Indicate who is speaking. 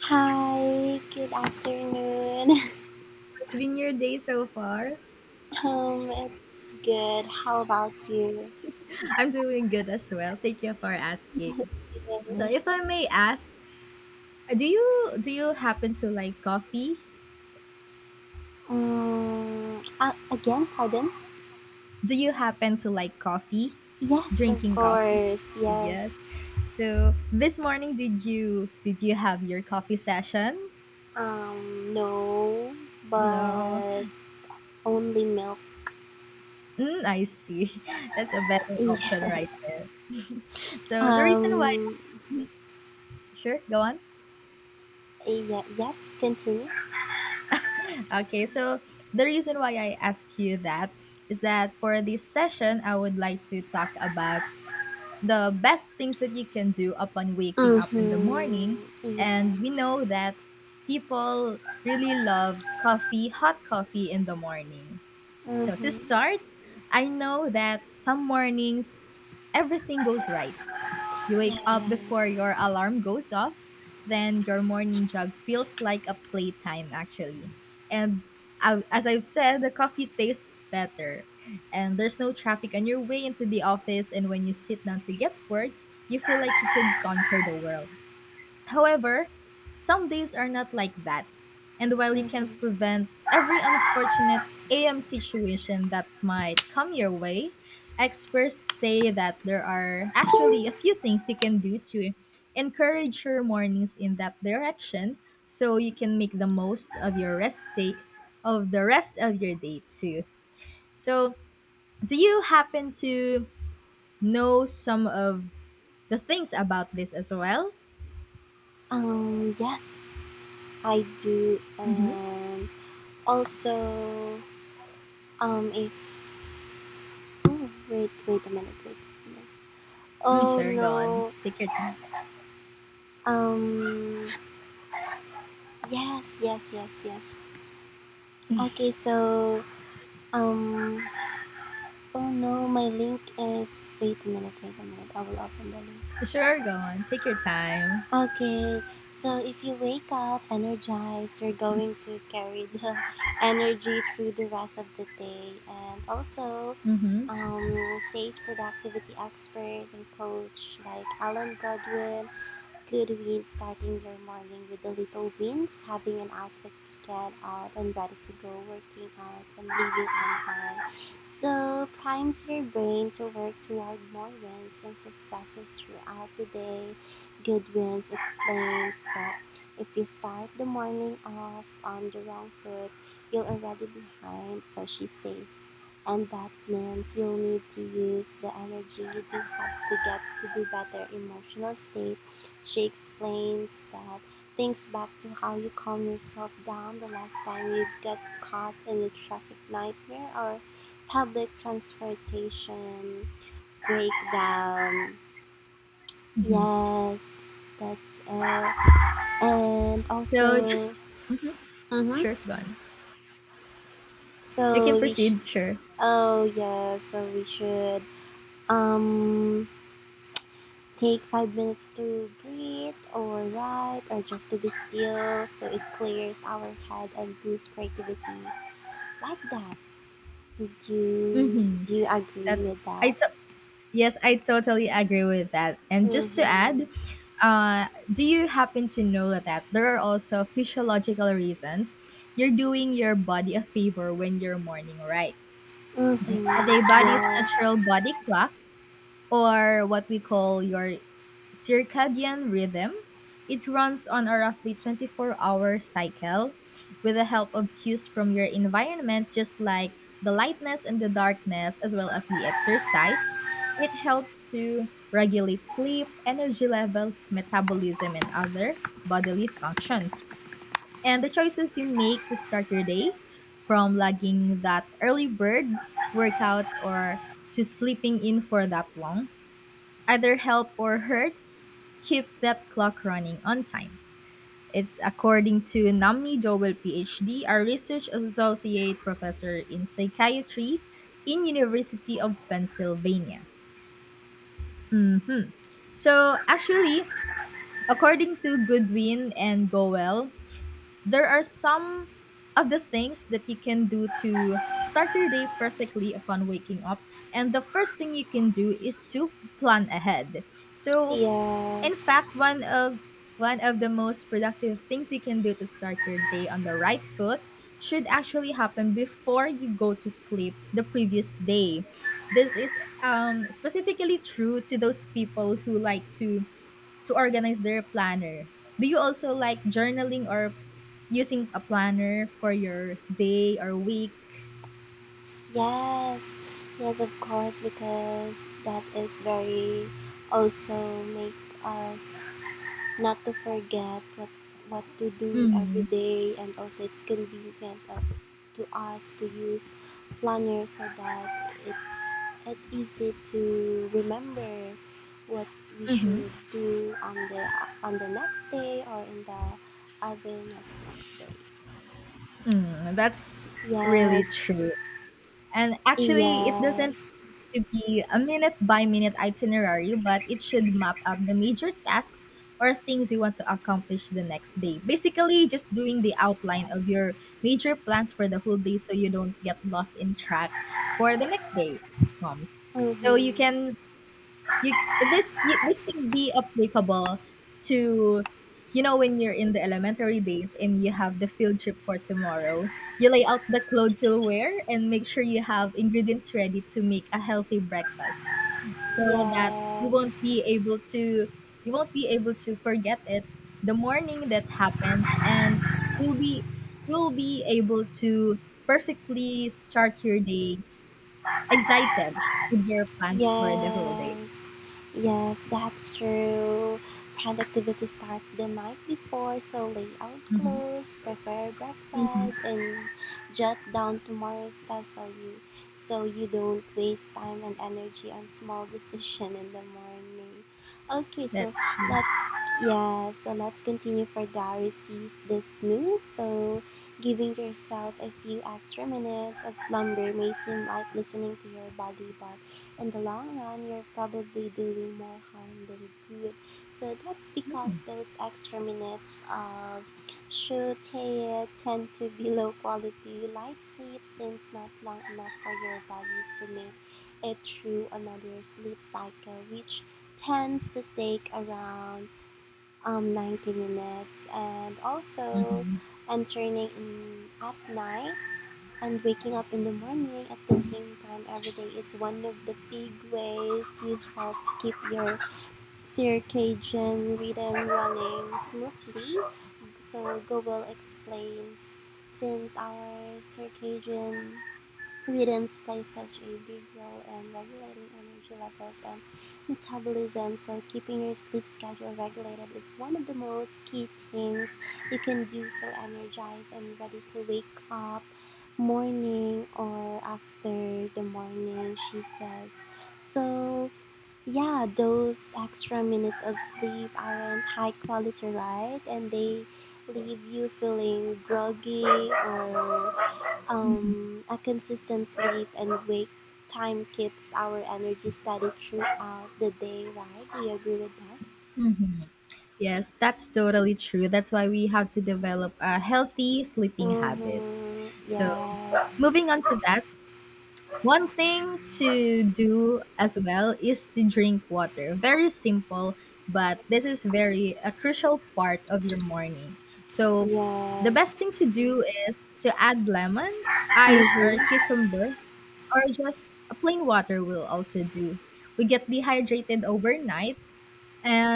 Speaker 1: Hi, good afternoon.
Speaker 2: How has been your day so far?
Speaker 1: It's good. How about you?
Speaker 2: I'm doing good as well. Thank you for asking. So, if I may ask, do you happen to like coffee?
Speaker 1: Again, pardon?
Speaker 2: Do you happen to like coffee?
Speaker 1: Yes, of
Speaker 2: Drinking coffee?
Speaker 1: course.
Speaker 2: Yes.
Speaker 1: Yes.
Speaker 2: So, this morning did you have your coffee session?
Speaker 1: No,
Speaker 2: No.
Speaker 1: but only milk.
Speaker 2: Mm, I see. That's a better option
Speaker 1: Yeah.
Speaker 2: right there. So, the reason why
Speaker 1: Um,
Speaker 2: sure, go on.
Speaker 1: yeah, yes, continue.
Speaker 2: Okay, so the reason why I asked you that is that for this session, I would like to talk about the best things that you can do upon waking up in the morning.
Speaker 1: Mm-hmm.
Speaker 2: And
Speaker 1: Yes.
Speaker 2: we know that people really love coffee, hot coffee in the morning. So to
Speaker 1: Mm-hmm.
Speaker 2: start, I know that some mornings everything goes right, you wake up before
Speaker 1: Yes.
Speaker 2: your alarm goes off, then your morning jog feels like a playtime, actually. And as I've said, the coffee tastes better, and there's no traffic on your way into the office. And when you sit down to get work, you feel like you could conquer the world. However, some days are not like that. And while you can
Speaker 1: Mm-hmm.
Speaker 2: prevent every unfortunate AM situation that might come your way, experts say that there are actually a few things you can do to encourage your mornings in that direction so you can make the most of your rest day of the rest of your day too. So, do you happen to know some of the things about this as well?
Speaker 1: Yes, I do.
Speaker 2: Mhm.
Speaker 1: Also, if oh Wait, wait a minute.
Speaker 2: Mm,
Speaker 1: Oh
Speaker 2: sure, go on.
Speaker 1: no,
Speaker 2: Take your time.
Speaker 1: um, yes, yes, yes, yes. Okay, so um, oh no, my link is wait a minute, I will open the link.
Speaker 2: Sure, go on. Take your time.
Speaker 1: Okay, so if you wake up energized, you're going to carry the energy through the rest of the day, and also
Speaker 2: Mm-hmm.
Speaker 1: sales productivity expert and coach like Alan Godwin. Good means starting your morning with a little wins, having an outfit get out and ready to go, working out and leaving on time. So primes your brain to work toward more wins and successes throughout the day. Good wins explains that if you start the morning off on the wrong foot, you're already behind, so she says. And that means you'll need to use the energy you do have to get to do better emotional state. She explains that thinks back to how you calm yourself down the last time you got caught in a traffic nightmare or public transportation breakdown.
Speaker 2: Mm-hmm.
Speaker 1: Yes, that's it. And
Speaker 2: So just
Speaker 1: also, mm-hmm.
Speaker 2: sure, go on. You can
Speaker 1: So we should,
Speaker 2: proceed. Sure.
Speaker 1: oh yeah, so we should, um, take 5 minutes to breathe or write or just to be still, so it clears our head and boosts creativity like that. did you
Speaker 2: Mm-hmm.
Speaker 1: do you agree
Speaker 2: That's
Speaker 1: with
Speaker 2: I.
Speaker 1: that?
Speaker 2: To- yes, I totally agree with that. And just to add,
Speaker 1: Mm-hmm.
Speaker 2: do you happen to know that there are also physiological reasons you're doing your body a favor when you're morning, right?
Speaker 1: Mm-hmm.
Speaker 2: The body's
Speaker 1: Yes.
Speaker 2: natural body clock, or what we call your circadian rhythm. It runs on a roughly 24-hour hour cycle with the help of cues from your environment, just like the lightness and the darkness, as well as the exercise. It helps to regulate sleep, energy levels, metabolism, and other bodily functions. And the choices you make to start your day, from logging that early bird workout or to sleeping in for that long, either help or hurt keep that clock running on time. It's according to Namni Joel, PhD, a research associate professor in psychiatry in University of Pennsylvania. So actually, according to Goodwin and Goel, there are some of the things that you can do to start your day perfectly upon waking up. And the first thing you can do is to plan ahead. So in
Speaker 1: Yes.
Speaker 2: fact, one of the most productive things you can do to start your day on the right foot should actually happen before you go to sleep the previous day. This is specifically true to those people who like to organize their planner. Do you also like journaling or using a planner for your day or week?
Speaker 1: Yes, yes, of course, because that is very also make us not to forget what to do every
Speaker 2: Mm-hmm.
Speaker 1: day, and also it's convenient, to us to use planner so that it easy to remember what we
Speaker 2: Mm-hmm.
Speaker 1: should do on the next day or in the other next day.
Speaker 2: Mm, that's really
Speaker 1: Yes,
Speaker 2: true. And actually, it
Speaker 1: yeah.
Speaker 2: doesn't to be a minute by minute itinerary, but it should map out the major tasks or things you want to accomplish the next day. Basically, just doing the outline of your major plans for the whole day so you don't get lost in track for the next day comes. So you
Speaker 1: Mm-hmm.
Speaker 2: can this can be applicable to you know when you're in the elementary days and you have the field trip for tomorrow, you lay out the clothes you'll wear and make sure you have ingredients ready to make a healthy breakfast so that you won't
Speaker 1: Yes.
Speaker 2: be able to you won't be able to forget it the morning that happens, and you'll be you'll be able to perfectly start your day excited with your plans for the whole day.
Speaker 1: Yes, yes, that's true. Productivity starts the night before, so lay out
Speaker 2: Mhm.
Speaker 1: clothes, prepare
Speaker 2: Mhm.
Speaker 1: breakfast, and jot down tomorrow's tasks, so you don't waste time and energy on small decision in the morning. Okay, so
Speaker 2: That's true.
Speaker 1: let's let's continue for Diary sees this new. So giving yourself a few extra minutes of slumber may seem like listening to your body, but in the long run, you're probably doing more harm than good. So that's because those extra minutes of shutei tend to be low quality light sleep, since not long enough for your body to make it through another sleep cycle, which tends to take around 90 minutes. And also
Speaker 2: Mm-hmm.
Speaker 1: entering in at night and waking up in the morning at the same time every day is one of the big ways you help keep your circadian rhythm running smoothly. So Google explains since our circadian rhythms play such a big role in regulating energy levels and metabolism, so keeping your sleep schedule regulated is one of the most key things you can do for energized and ready to wake up morning or after the morning, she says. So, yeah, those extra minutes of sleep aren't high quality, right? And they leave you feeling groggy or
Speaker 2: Hmm.
Speaker 1: a consistent sleep and wake time keeps our energy steady throughout the day, right? Do you agree with that?
Speaker 2: Hmm. Yes, that's totally true. That's why we have to develop healthy sleeping habits.
Speaker 1: Mm-hmm.
Speaker 2: So,
Speaker 1: Yes.
Speaker 2: moving on to that, one thing to do as well is to drink water. Very simple, but this is very a crucial part of your morning. So, the
Speaker 1: Yes.
Speaker 2: best thing to do is to add lemon, ice, or
Speaker 1: Mm-hmm.
Speaker 2: cucumber or just a plain water will also do. We get dehydrated overnight, and